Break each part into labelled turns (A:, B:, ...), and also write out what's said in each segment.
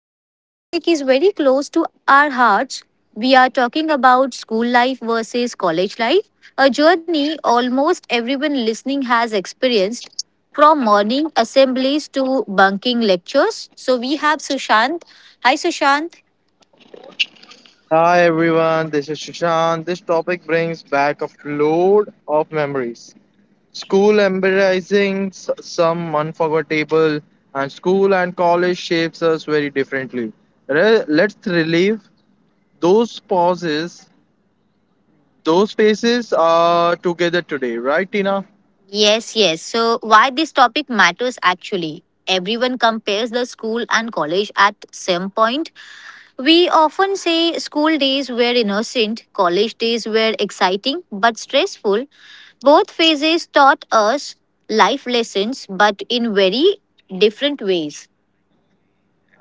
A: And today's topic is very close to our hearts. We are talking about school life versus college life, a journey almost everyone listening has experienced from morning assemblies to bunking lectures. So we have Sushant. Hi Sushant.
B: Hi everyone, this is Shushan. This topic brings back a flood of memories. School embarrassing, some unforgettable, and school and college shapes us very differently. Let's relive those pauses, those faces together today, right, Tina?
A: Yes. So, why this topic matters actually? Everyone compares the school and college at some point. We often say school days were innocent, college days were exciting but stressful. Both phases taught us life lessons but in very different ways.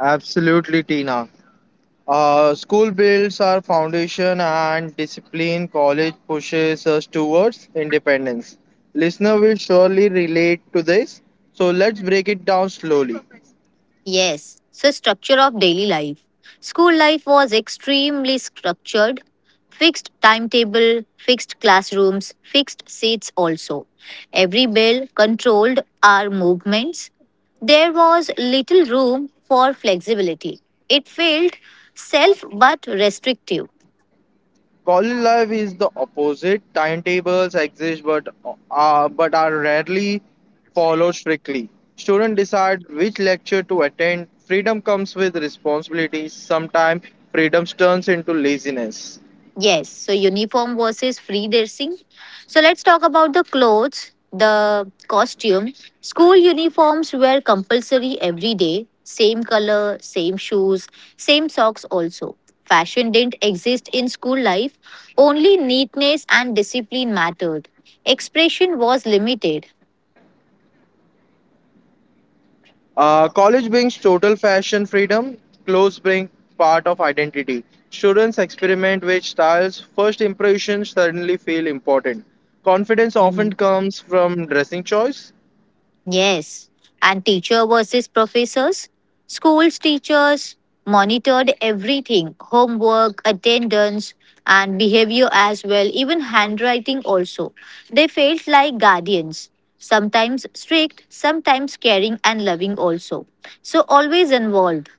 B: Absolutely, Tina. School builds our foundation and discipline. College pushes us towards independence. Listener will surely relate to this. So let's break it down slowly.
A: Yes, so structure of daily life. School life was extremely structured. Fixed timetable, fixed classrooms, fixed seats also. Every bell controlled our movements. There was little room for flexibility. It felt self but restrictive.
B: College life is the opposite. Timetables exist, but are rarely followed strictly. Students decide which lecture to attend. Freedom comes with responsibilities. Sometimes freedom turns into laziness.
A: Yes, so uniform versus free dressing. So let's talk about the clothes, the costume. School uniforms were compulsory every day, same color, same shoes, same socks also. Fashion didn't exist in school life, only neatness and discipline mattered. Expression was limited.
B: College brings total fashion freedom, clothes bring part of identity. Students experiment with styles, first impressions suddenly feel important. Confidence often comes from dressing choice.
A: Yes, and teacher versus professors. Schools teachers monitored everything homework, attendance, and behavior as well, even handwriting also. They felt like guardians, sometimes strict, sometimes caring and loving also. So, always involved.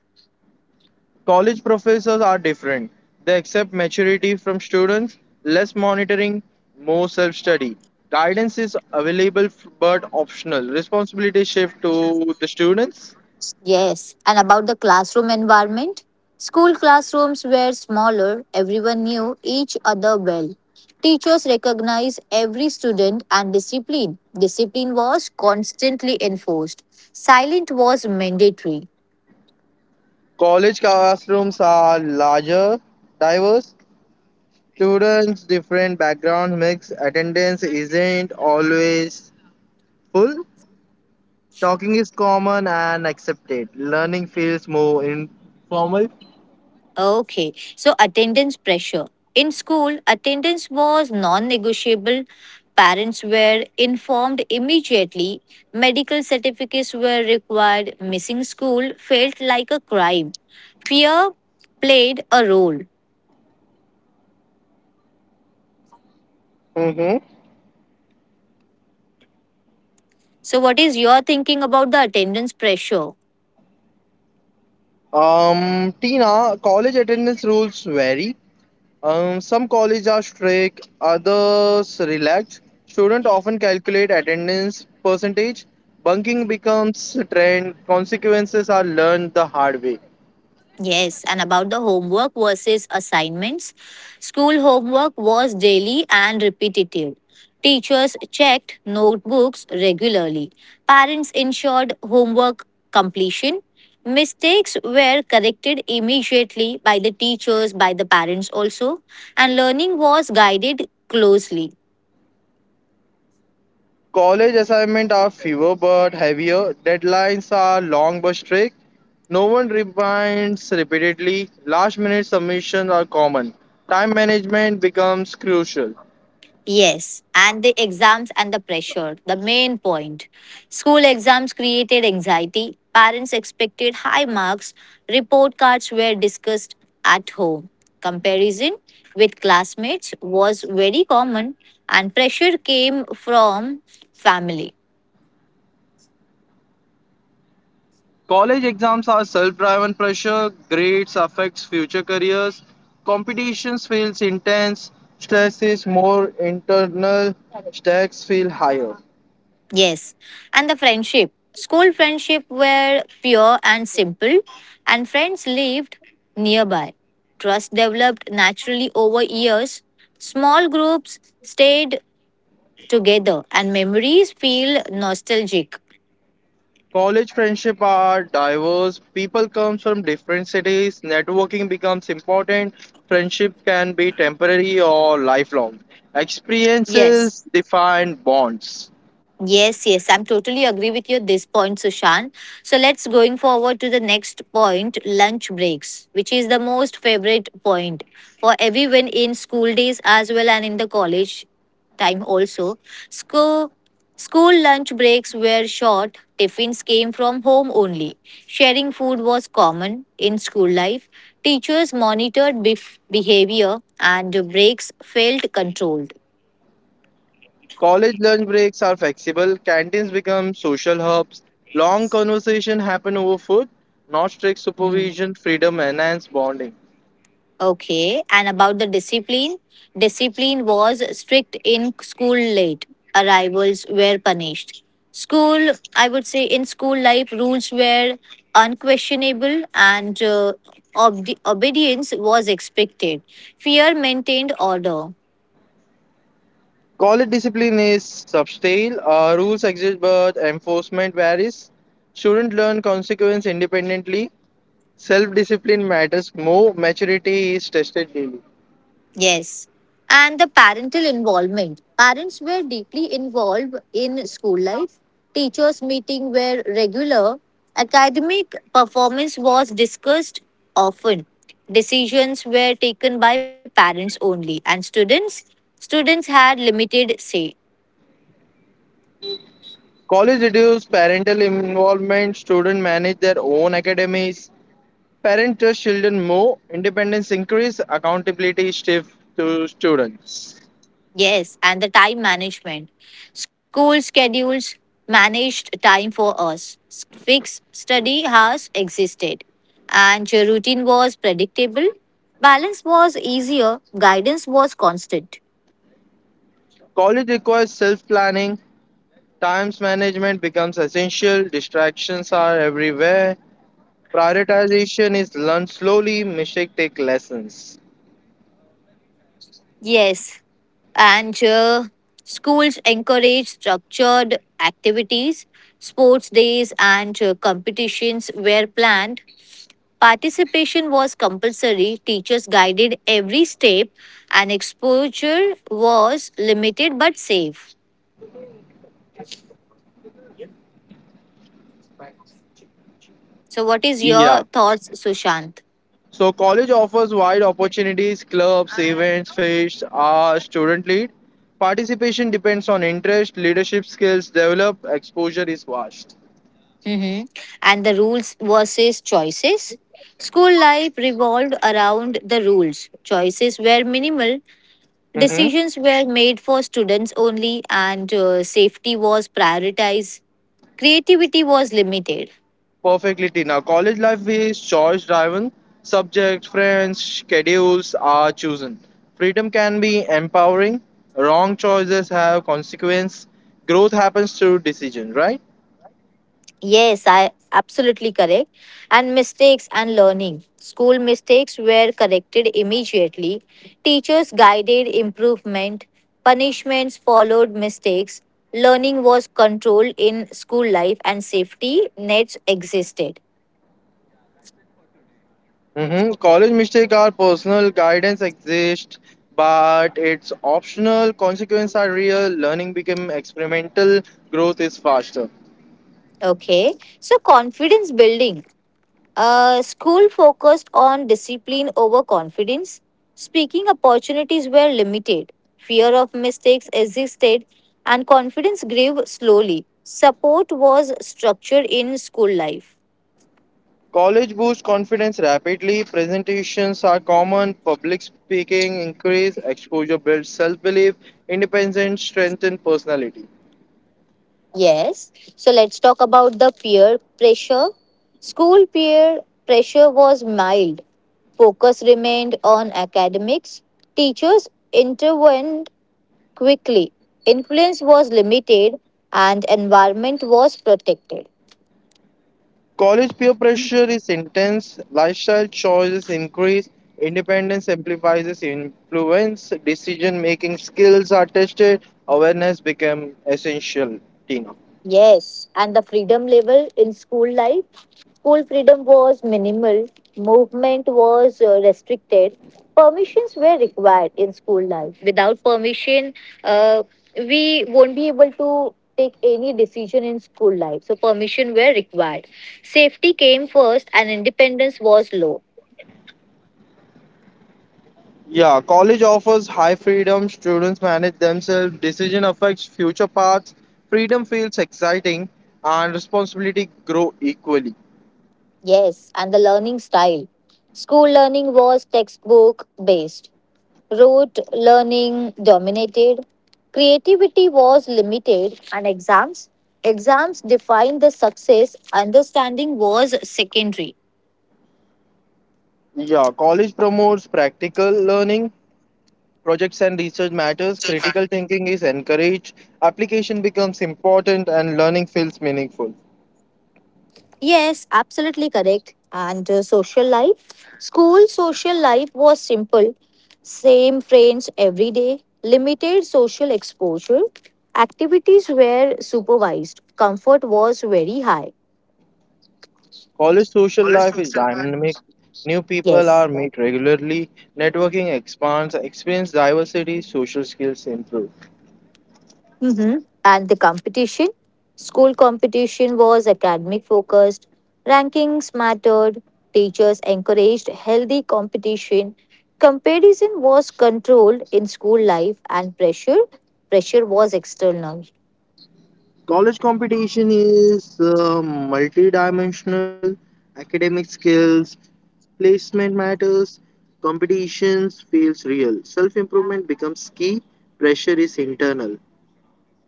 B: College professors are different. They accept maturity from students, less monitoring, more self study. Guidance is available but optional. Responsibility shift to the students.
A: Yes, and about the classroom environment, school classrooms were smaller, everyone knew each other well. Teachers recognized every student and discipline. Discipline was constantly enforced. Silent was mandatory.
B: College classrooms are larger, diverse, students, different backgrounds mix, attendance isn't always full. Talking is common and accepted. Learning feels more informal.
A: Okay, so attendance pressure. In school, attendance was non negotiable. Parents were informed immediately. Medical certificates were required. Missing school felt like a crime. Fear played a role.
B: Mm-hmm.
A: So, what is your thinking about the attendance pressure?
B: Tina, college attendance rules vary. Some colleges are strict, others relaxed. Students often calculate attendance percentage. Bunking becomes a trend. Consequences are learned the hard way.
A: Yes, and about the homework versus assignments. School homework was daily and repetitive. Teachers checked notebooks regularly. Parents ensured homework completion. Mistakes were corrected immediately by the teachers, by the parents also, and learning was guided closely.
B: College assignments are fewer but heavier. Deadlines are long but strict. No one reminds repeatedly. Last minute submissions are common. Time management becomes crucial.
A: Yes, and the exams and the pressure, the main point. School exams created anxiety, parents expected high marks, report cards were discussed at home. Comparison with classmates was very common, and pressure came from family.
B: College exams are self driven pressure. Grades affects future careers. Competitions feels intense. Stress is more internal. Stakes feel higher.
A: Yes. And the friendship. School friendship were pure and simple, and friends lived nearby. Trust developed naturally over years. Small groups stayed together, and memories feel nostalgic.
B: College friendship are diverse. People come from different cities. Networking becomes important. Friendship can be temporary or lifelong.
A: Yes.
B: Experiences define bonds.
A: Yes, I'm totally agree with you at this point, Sushant. So let's going forward to the next point, lunch breaks, which is the most favorite point for everyone in school days as well and in the college time also. School school lunch breaks were short, tiffins came from home only. Sharing food was common in school life. Teachers monitored behavior and breaks felt controlled.
B: College lunch breaks are flexible. Canteens become social hubs. Long conversation happen over food. Not strict
A: Hmm.
B: supervision. Freedom enhance bonding.
A: Okay, and about the discipline, discipline was strict in school late. Arrivals were punished. School, I would say, in school life, rules were unquestionable and obedience was expected. Fear maintained order.
B: College discipline is subtle. Rules exist, but enforcement varies. Students learn consequence independently. Self discipline matters more, maturity is tested daily.
A: Yes. And the parental involvement. Parents were deeply involved in school life. Teachers' meeting were regular. Academic performance was discussed often. Decisions were taken by parents only and students had limited say.
B: College reduces parental involvement, students manage their own academies, parents trust children more, independence increases. Accountability shift to students.
A: Yes, and the time management. School schedules managed time for us. Fixed study hours existed, and your routine was predictable. Balance was easier, guidance was constant.
B: College requires self planning, times management becomes essential, distractions are everywhere, prioritization is learned slowly, mistake take lessons.
A: Yes, and schools encourage structured activities. Sports days and competitions were planned. Participation was compulsory, teachers guided every step, and exposure was limited but safe. So, what is
B: Yeah,
A: your thoughts, Sushant?
B: so college offers wide opportunities, clubs, events, fests are student lead. Participation depends on interest, leadership skills developed, exposure is vast.
A: Hmm. And the rules versus choices? School life revolved around the rules. Choices were minimal,
B: Mm-hmm.
A: decisions were made for students only, and safety was prioritized. Creativity was limited.
B: Perfectly, Tina. College life is choice driven. Subjects, friends, schedules are chosen. Freedom can be empowering. Wrong choices have consequence. Growth happens through decision, right?
A: Yes, I absolutely correct. And mistakes and learning. School mistakes were corrected immediately. Teachers guided improvement. Punishments followed mistakes. Learning was controlled in school life and safety nets existed.
B: Mhm. College mistakes are personal, guidance exists, but it's optional. Consequences are real. Learning become experimental. Growth is faster.
A: Okay. So confidence building. School focused on discipline over confidence. Speaking opportunities were limited. Fear of mistakes existed, and confidence grew slowly. Support was structured in school life.
B: College boosts confidence rapidly. Presentations are common. Public speaking increase. Exposure builds self-belief. Independence strengthens personality.
A: Yes. So let's talk about the peer pressure. School peer pressure was mild. Focus remained on academics. Teachers intervened quickly. Influence was limited and environment was protected.
B: College peer pressure is intense, lifestyle choices increase, independence amplifies influence, decision making skills are tested, awareness become essential. Tina.
A: Yes, and the freedom level in school life, school freedom was minimal, movement was restricted, permissions were required in school life. Without permission, uh, we won't be able to take any decision in school life. So permission were required. Safety came first and independence was low.
B: Yeah, college offers high freedom, students manage themselves, decision affects future paths, freedom feels exciting, and responsibility grow equally.
A: Yes, and the learning style. School learning was textbook based, rote learning dominated, creativity was limited, and Exams defined the success, understanding was secondary.
B: Yeah, college promotes practical learning, projects and research matters, critical thinking is encouraged, application becomes important, and learning feels meaningful.
A: Yes, absolutely correct. And social life? School social life was simple. Same friends every day, limited social exposure. Activities were supervised. Comfort was very high.
B: College social life is dynamic, new people
A: Yes.
B: are met regularly, networking expands, experience diversity, social skills improve.
A: Hmm. And the competition? School competition was academic focused, rankings mattered, teachers encouraged healthy competition. Comparison was controlled in school life and pressure was external.
B: College competition is multidimensional, academic skills, placement matters, competitions feels real, self improvement becomes key, pressure is internal.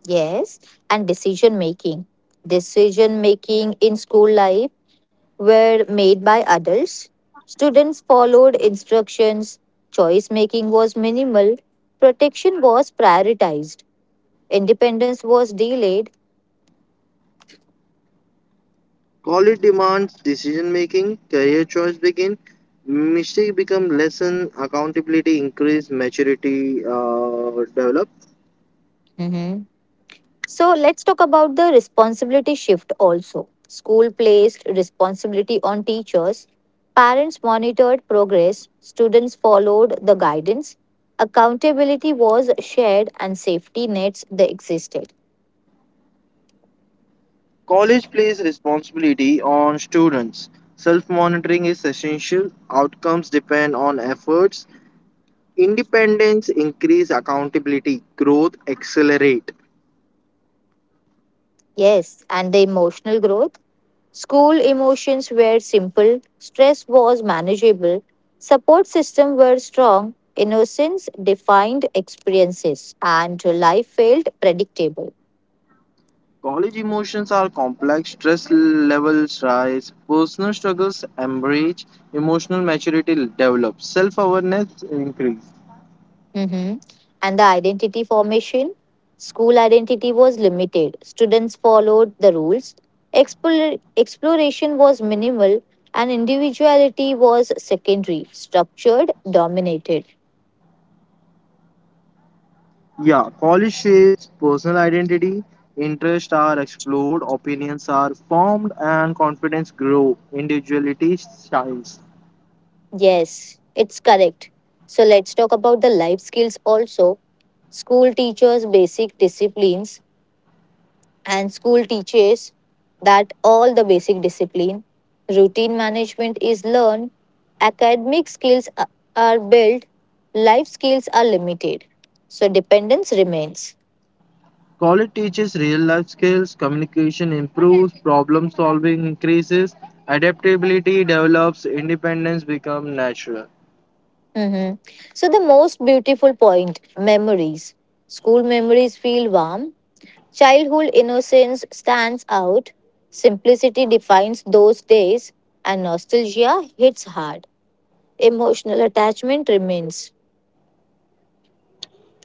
A: Yes, and decision making. Decision making in school life were made by adults. Students followed instructions, choice making was minimal, protection was prioritized. Independence was delayed.
B: College demands decision making, career choice begin, mistake become lesson, accountability increase, maturity develop.
A: Mm-hmm. So let's talk about the responsibility shift also. School placed responsibility on teachers, parents monitored progress, students followed the guidance, accountability was shared, and safety nets they existed.
B: College plays responsibility on students. Self monitoring is essential. Outcomes depend on efforts. Independence increase accountability. Growth accelerate.
A: Yes, and the emotional growth. School emotions were simple, stress was manageable, support system were strong, innocence defined experiences, and life felt predictable.
B: College emotions are complex. Stress levels rise. Personal struggles embrace. Emotional maturity develops. Self awareness increase.
A: Mhm. And the identity formation. School identity was limited. Students followed the rules. Explor- Exploration was minimal, and individuality was secondary, structured, dominated.
B: Yeah, college shapes personal identity, interests are explored, opinions are formed, and confidence grow. Individuality shines.
A: Yes, it's correct. So let's talk about the life skills also. School teachers basic disciplines and school teaches that all the basic discipline. Routine management is learned. Academic skills are built. Life skills are limited. So dependence remains.
B: College teaches real life skills, communication improves, problem solving increases, adaptability develops, independence become natural.
A: Mhm. So the most beautiful point memories. School memories feel warm. Childhood innocence stands out, simplicity defines those days, and nostalgia hits hard. Emotional attachment remains.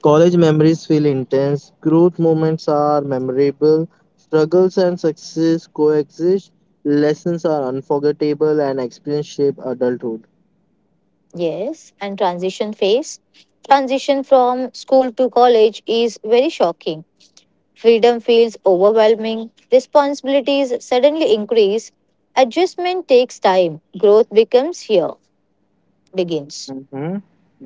B: College memories feel intense, growth moments are memorable, struggles and success coexist, lessons are unforgettable, and experience shape adulthood.
A: Yes, and transition phase. Transition from school to college is very shocking. Freedom feels overwhelming, responsibilities suddenly increase, adjustment takes time, begins.
B: Hmm.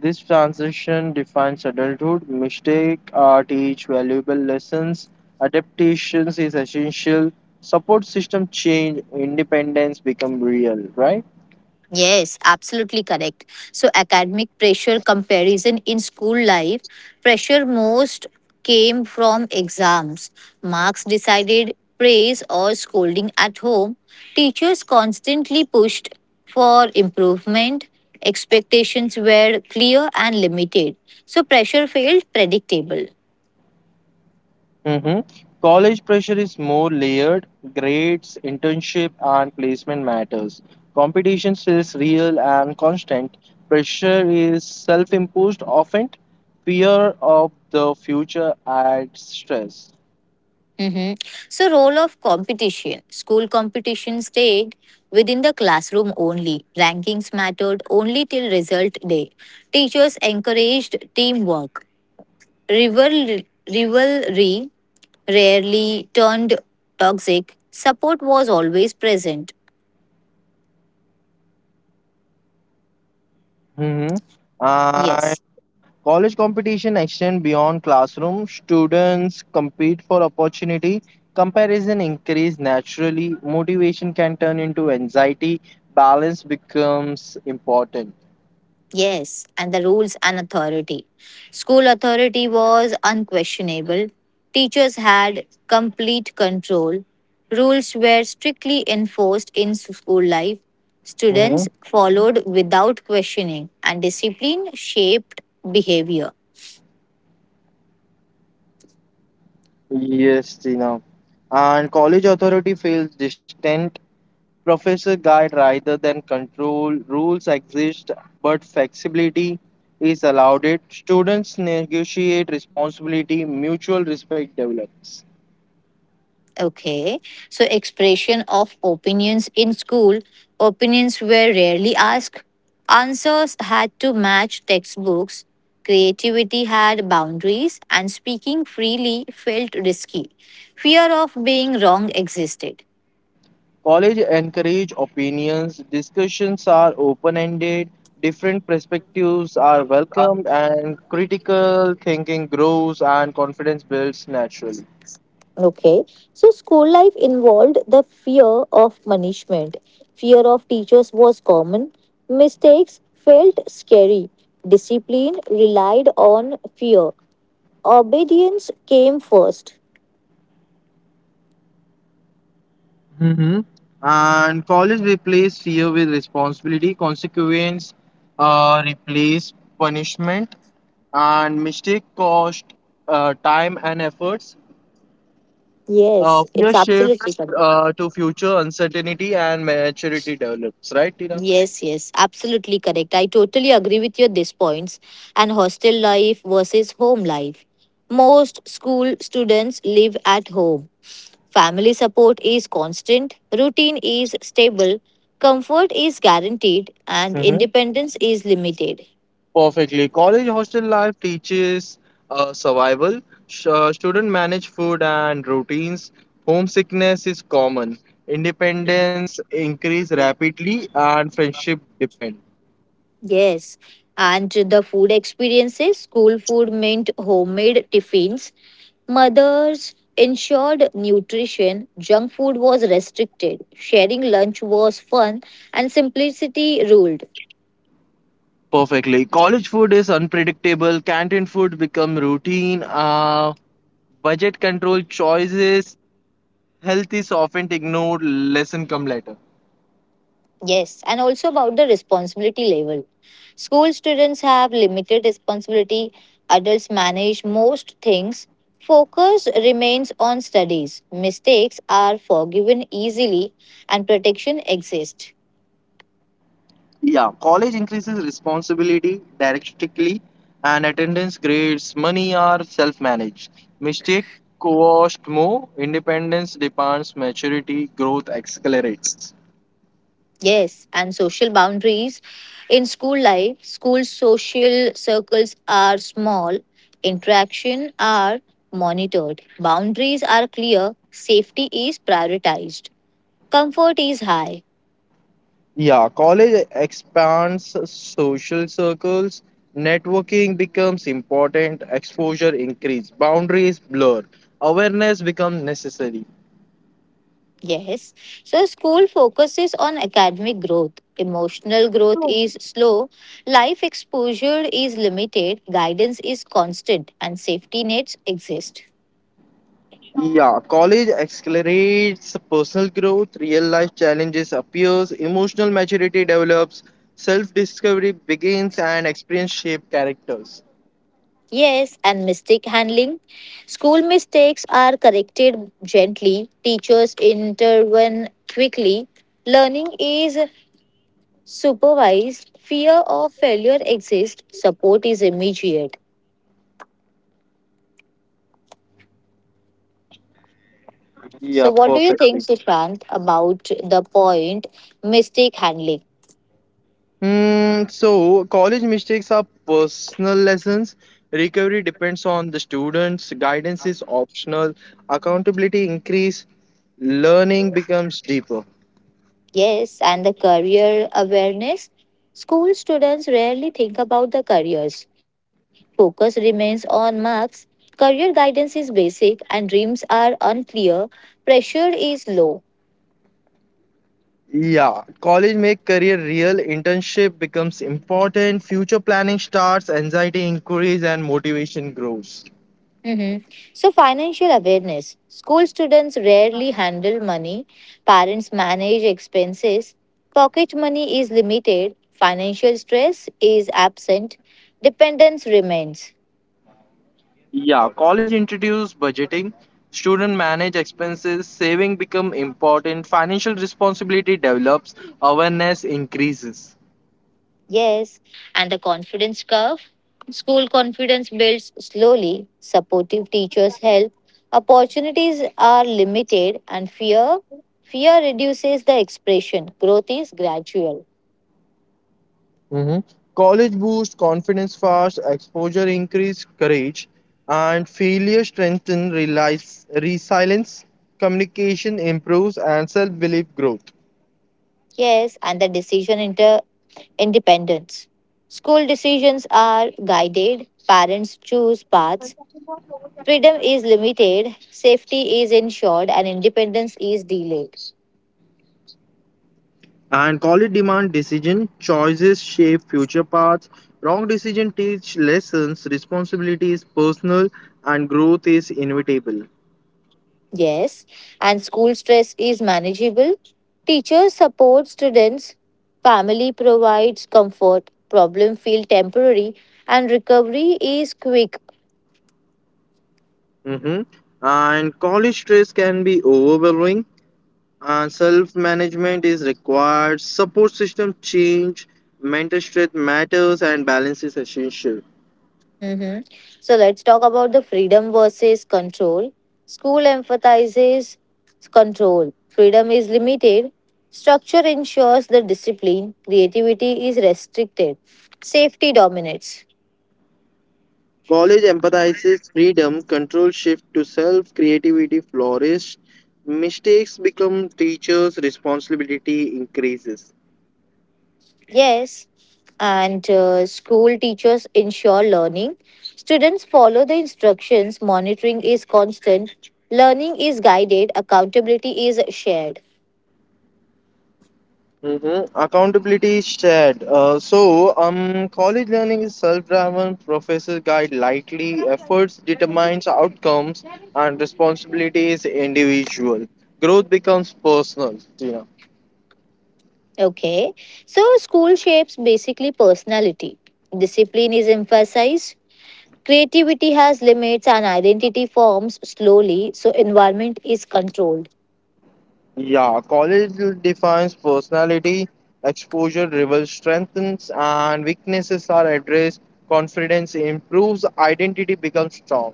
B: This transition defines adulthood. Mistake are teach valuable lessons. Adaptations is essential. Support system change. Independence become real, right?
A: Yes, absolutely correct. So, academic pressure comparison in school life, pressure most came from exams. Marks decided praise or scolding at home. Teachers constantly pushed for improvement. Expectations were clear and limited. So, pressure felt predictable.
B: Hmm. College pressure is more layered. Grades, internship, and placement matters. Competition is real and constant. Pressure is self-imposed often. Fear of the future adds stress.
A: Hmm. So, role of competition. School competition stayed within the classroom only. Rankings mattered only till result day. Teachers encouraged teamwork. Rival rivalry rarely turned toxic. Support was always present.
B: Hmm.
A: Yes.
B: College competition extend beyond classroom. Students compete for opportunity. Comparison increase naturally. Motivation can turn into anxiety. Balance becomes important.
A: Yes, and the rules and authority. School authority was unquestionable. Teachers had complete control. Rules were strictly enforced in school life. Students
B: Hmm.
A: followed without questioning, and discipline shaped behavior.
B: Yes, Tina. And college authority feels distant. Professor guide rather than control. Rules exist, but flexibility is allowed. It students negotiate responsibility. Mutual respect develops.
A: Okay. So, expression of opinions in school. Opinions were rarely asked. Answers had to match textbooks. Creativity had boundaries, and speaking freely felt risky. Fear of being wrong existed.
B: College encourage opinions, discussions are open-ended, different perspectives are welcomed and critical thinking grows and confidence builds naturally.
A: Okay. So, school life involved the fear of punishment. Fear of teachers was common. Mistakes felt scary. Discipline relied on fear. Obedience came first.
B: Hmm. And college replace fear with responsibility, consequence replace punishment, and mistake cost time and efforts.
A: Yes, it's
B: Fear
A: absolutely
B: shifts
A: correct.
B: to future uncertainty and maturity develops, right, Tina?
A: Yes, absolutely correct. I totally agree with your these points and hostel life versus home life. Most school students live at home. Family support is constant, routine is stable, comfort is guaranteed, and independence is limited.
B: Perfectly. College hostel life teaches survival. Student manage food and routines. Homesickness is common. Independence increase rapidly and friendship depend.
A: Yes, and the food experiences, school food meant homemade tiffins. Mothers ensured nutrition, junk food was restricted, sharing lunch was fun, and simplicity ruled.
B: Perfectly. College food is unpredictable. Canteen food become routine. Budget control choices. Health is often ignored. Lesson come later.
A: Yes, and also about the responsibility level. School students have limited responsibility, adults manage most things. Focus remains on studies. Mistakes are forgiven easily and protection exists.
B: Yeah, college increases responsibility directly, and attendance grades, money are self managed. Mistake cost more, independence demands maturity, growth accelerates.
A: Yes, and social boundaries. In school life, school social circles are small, interaction are monitored, boundaries are clear, safety is prioritized, comfort is high.
B: Yeah, college expands social circles, networking becomes important, exposure increase, boundaries blur, awareness becomes necessary.
A: Yes, so school focuses on academic growth, emotional growth is slow, life exposure is limited, guidance is constant, and safety nets exist.
B: Yeah, college accelerates personal growth, real life challenges appears, emotional maturity develops, self discovery begins and experience shape characters.
A: Yes, and mistake handling. School mistakes are corrected gently, teachers intervene quickly, learning is supervised, fear of failure exists, support is immediate.
B: Yeah,
A: So, what do you think,
B: perfectly.
A: Sushant, about the point mistake handling?
B: Hmm. So college mistakes are personal lessons. Recovery depends on the students, guidance is optional, accountability increase, learning becomes deeper.
A: Yes, and the career awareness. School students rarely think about the careers. Focus remains on marks. Career guidance is basic and dreams are unclear. Pressure is low.
B: Yeah, college make career real, internship becomes important, future planning starts, anxiety increases, and motivation grows.
A: Mhm. So, financial awareness. School students rarely handle money. Parents manage expenses. Pocket money is limited. Financial stress is absent. Dependence remains.
B: Yeah, college introduce budgeting, student manage expenses, saving become important, financial responsibility develops, awareness increases.
A: Yes, and the confidence curve. School confidence builds slowly, supportive teachers help, opportunities are limited, and fear reduces the expression. Growth is gradual.
B: Mhm. College boosts confidence fast, exposure increase courage, and failure strengthen realize, resilience, communication improves, and self-belief growth.
A: Yes, and the decision inter independence. School decisions are guided, parents choose paths, freedom is limited, safety is ensured, and independence is delayed.
B: And college demand decision choices shape future paths. Wrong decision teach lessons. Responsibility is personal, and growth is inevitable.
A: Yes, and school stress is manageable. Teachers support students, family provides comfort, problem feel temporary, and recovery is quick.
B: Hmm. And college stress can be overwhelming, and self-management is required. Support system change, mental strength matters, and balance is essential.
A: Mhm. So let's talk about the freedom versus control. School emphasizes control. Freedom is limited. Structure ensures the discipline. Creativity is restricted. Safety dominates.
B: College empathizes freedom, control shift to self, creativity flourish, mistakes become teachers' responsibility increases.
A: Yes, and school teachers ensure learning. Students follow the instructions, monitoring is constant, learning is guided, accountability is shared.
B: Hmm. Accountability is shared. College learning is self-driven. Professors guide lightly. Efforts determines outcomes, and responsibility is individual. Growth becomes personal. Tina.
A: Okay, so school shapes basically personality. Discipline is emphasized, creativity has limits, and identity forms slowly, so, environment is controlled.
B: Yeah, college defines personality. Exposure reveals strengths, and weaknesses are addressed. Confidence improves. Identity becomes strong.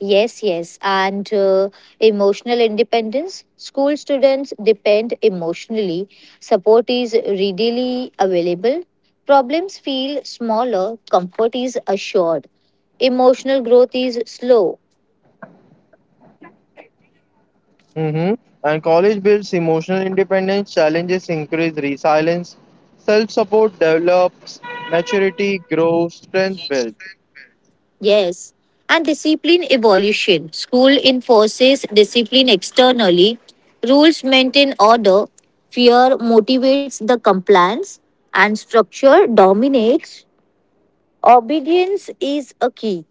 A: Yes. And emotional independence. School students depend emotionally. Support is readily available. Problems feel smaller. Comfort is assured. Emotional growth is slow.
B: Hmm. And college builds emotional independence, challenges increase resilience, self support develops, maturity grows, strength builds.
A: Yes. And discipline evolution. School enforces discipline externally. Rules maintain order. Fear motivates the compliance. And structure dominates. Obedience is a key.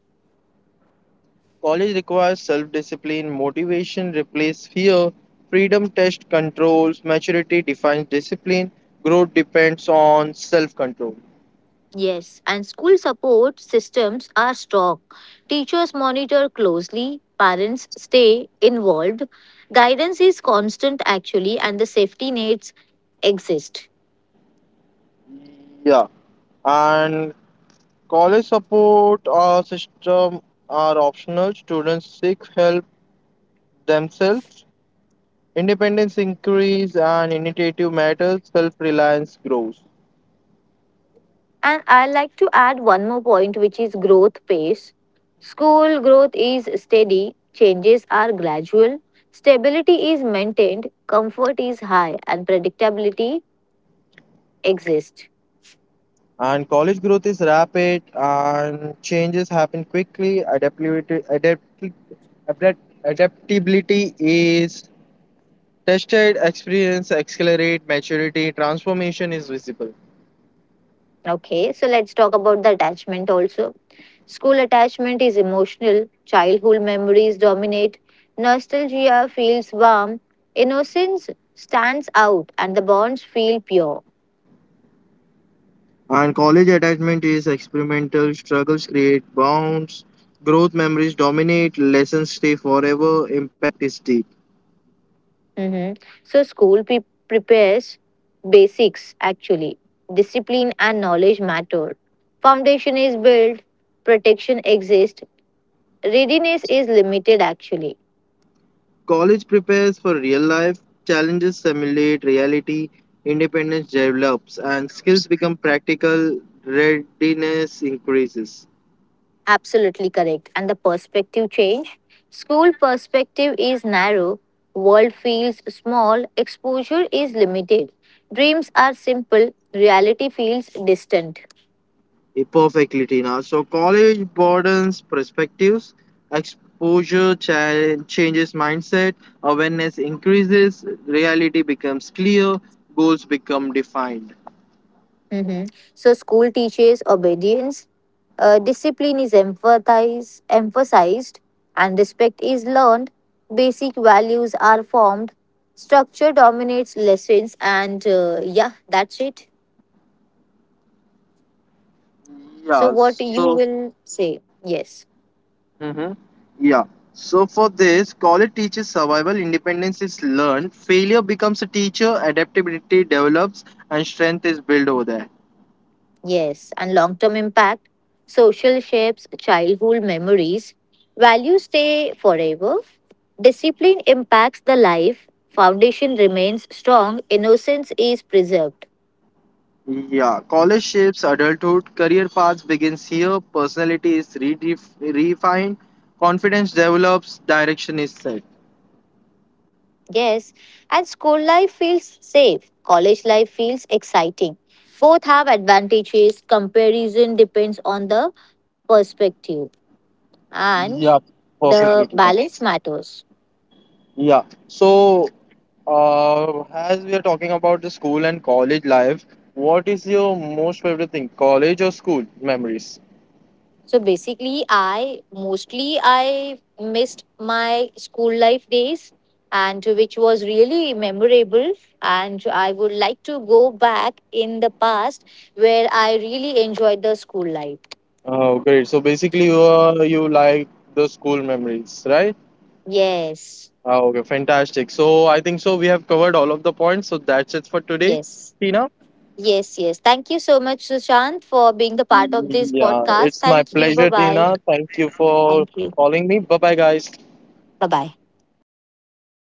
B: College requires self discipline, motivation replaces fear, freedom tests controls, maturity defines discipline, growth depends on self control.
A: Yes, and school support systems are strong. Teachers monitor closely, parents stay involved. Guidance is constant, actually, and the safety nets exist.
B: Yeah, and college support system are optional. Students seek help themselves. Independence increases and initiative matters, self reliance grows.
A: And I like to add one more point, which is growth pace. School growth is steady, changes are gradual, stability is maintained, comfort is high, and predictability exists.
B: And college growth is rapid and changes happen quickly. Adapt, Adaptability is tested, experience accelerate maturity, transformation is visible.
A: Okay, so let's talk about the attachment also. School attachment is emotional, childhood memories dominate, nostalgia feels warm, innocence stands out, and the bonds feel pure.
B: And college attachment is experimental, struggles create bonds, growth memories dominate, lessons stay forever, impact is deep.
A: Mhm. So, school prepares basics actually. Discipline and knowledge matter. Foundation is built, protection exists, readiness is limited actually.
B: College prepares for real life, challenges simulate reality, independence develops, and skills become practical, readiness increases.
A: Absolutely correct. And the perspective change? School perspective is narrow, world feels small, exposure is limited. Dreams are simple, reality feels distant.
B: Perfectly, Tina. So, college broadens perspectives, exposure changes mindset, awareness increases, reality becomes clear, goals become defined.
A: Mhm. So, school teaches obedience, discipline is emphasized, and respect is learned. Basic values are formed. Structure dominates lessons, and yeah, that's it. So,
B: Yeah,
A: what you
B: so
A: will say? Yes.
B: Mm-hmm. Yeah. So for this, college teaches survival, independence is learned, failure becomes a teacher, adaptability develops, and strength is built over there.
A: Yes, and long term impact, social shapes, childhood memories, values stay forever. Discipline impacts the life, foundation remains strong, innocence is preserved.
B: Yeah. College shapes adulthood, career paths begins here, personality is refined, confidence develops, direction is set.
A: Yes, and school life feels safe, college life feels exciting. Both have advantages, comparison depends on the perspective, and
B: Yeah,
A: the
B: perfectly, Tina.
A: balance matters.
B: Yeah. So, as we are talking about the school and college life, what is your most favorite thing, college or school memories?
A: So basically, I mostly I missed my school life days, and which was really memorable. And I would like to go back in the past where I really enjoyed the school life.
B: Oh, great. So basically, you like the school memories, right?
A: Yes,
B: Oh, okay, fantastic. So I think so. We have covered all of the points. So that's it for today,
A: yes,
B: Tina.
A: yes. Thank you so much, Sushant, for being the part of this
B: Yeah,
A: podcast.
B: it's my
A: Thank you. Bye
B: pleasure,
A: bye.
B: Tina. Thank you for
A: Thank you.
B: calling me. Bye bye, guys.
A: Bye bye.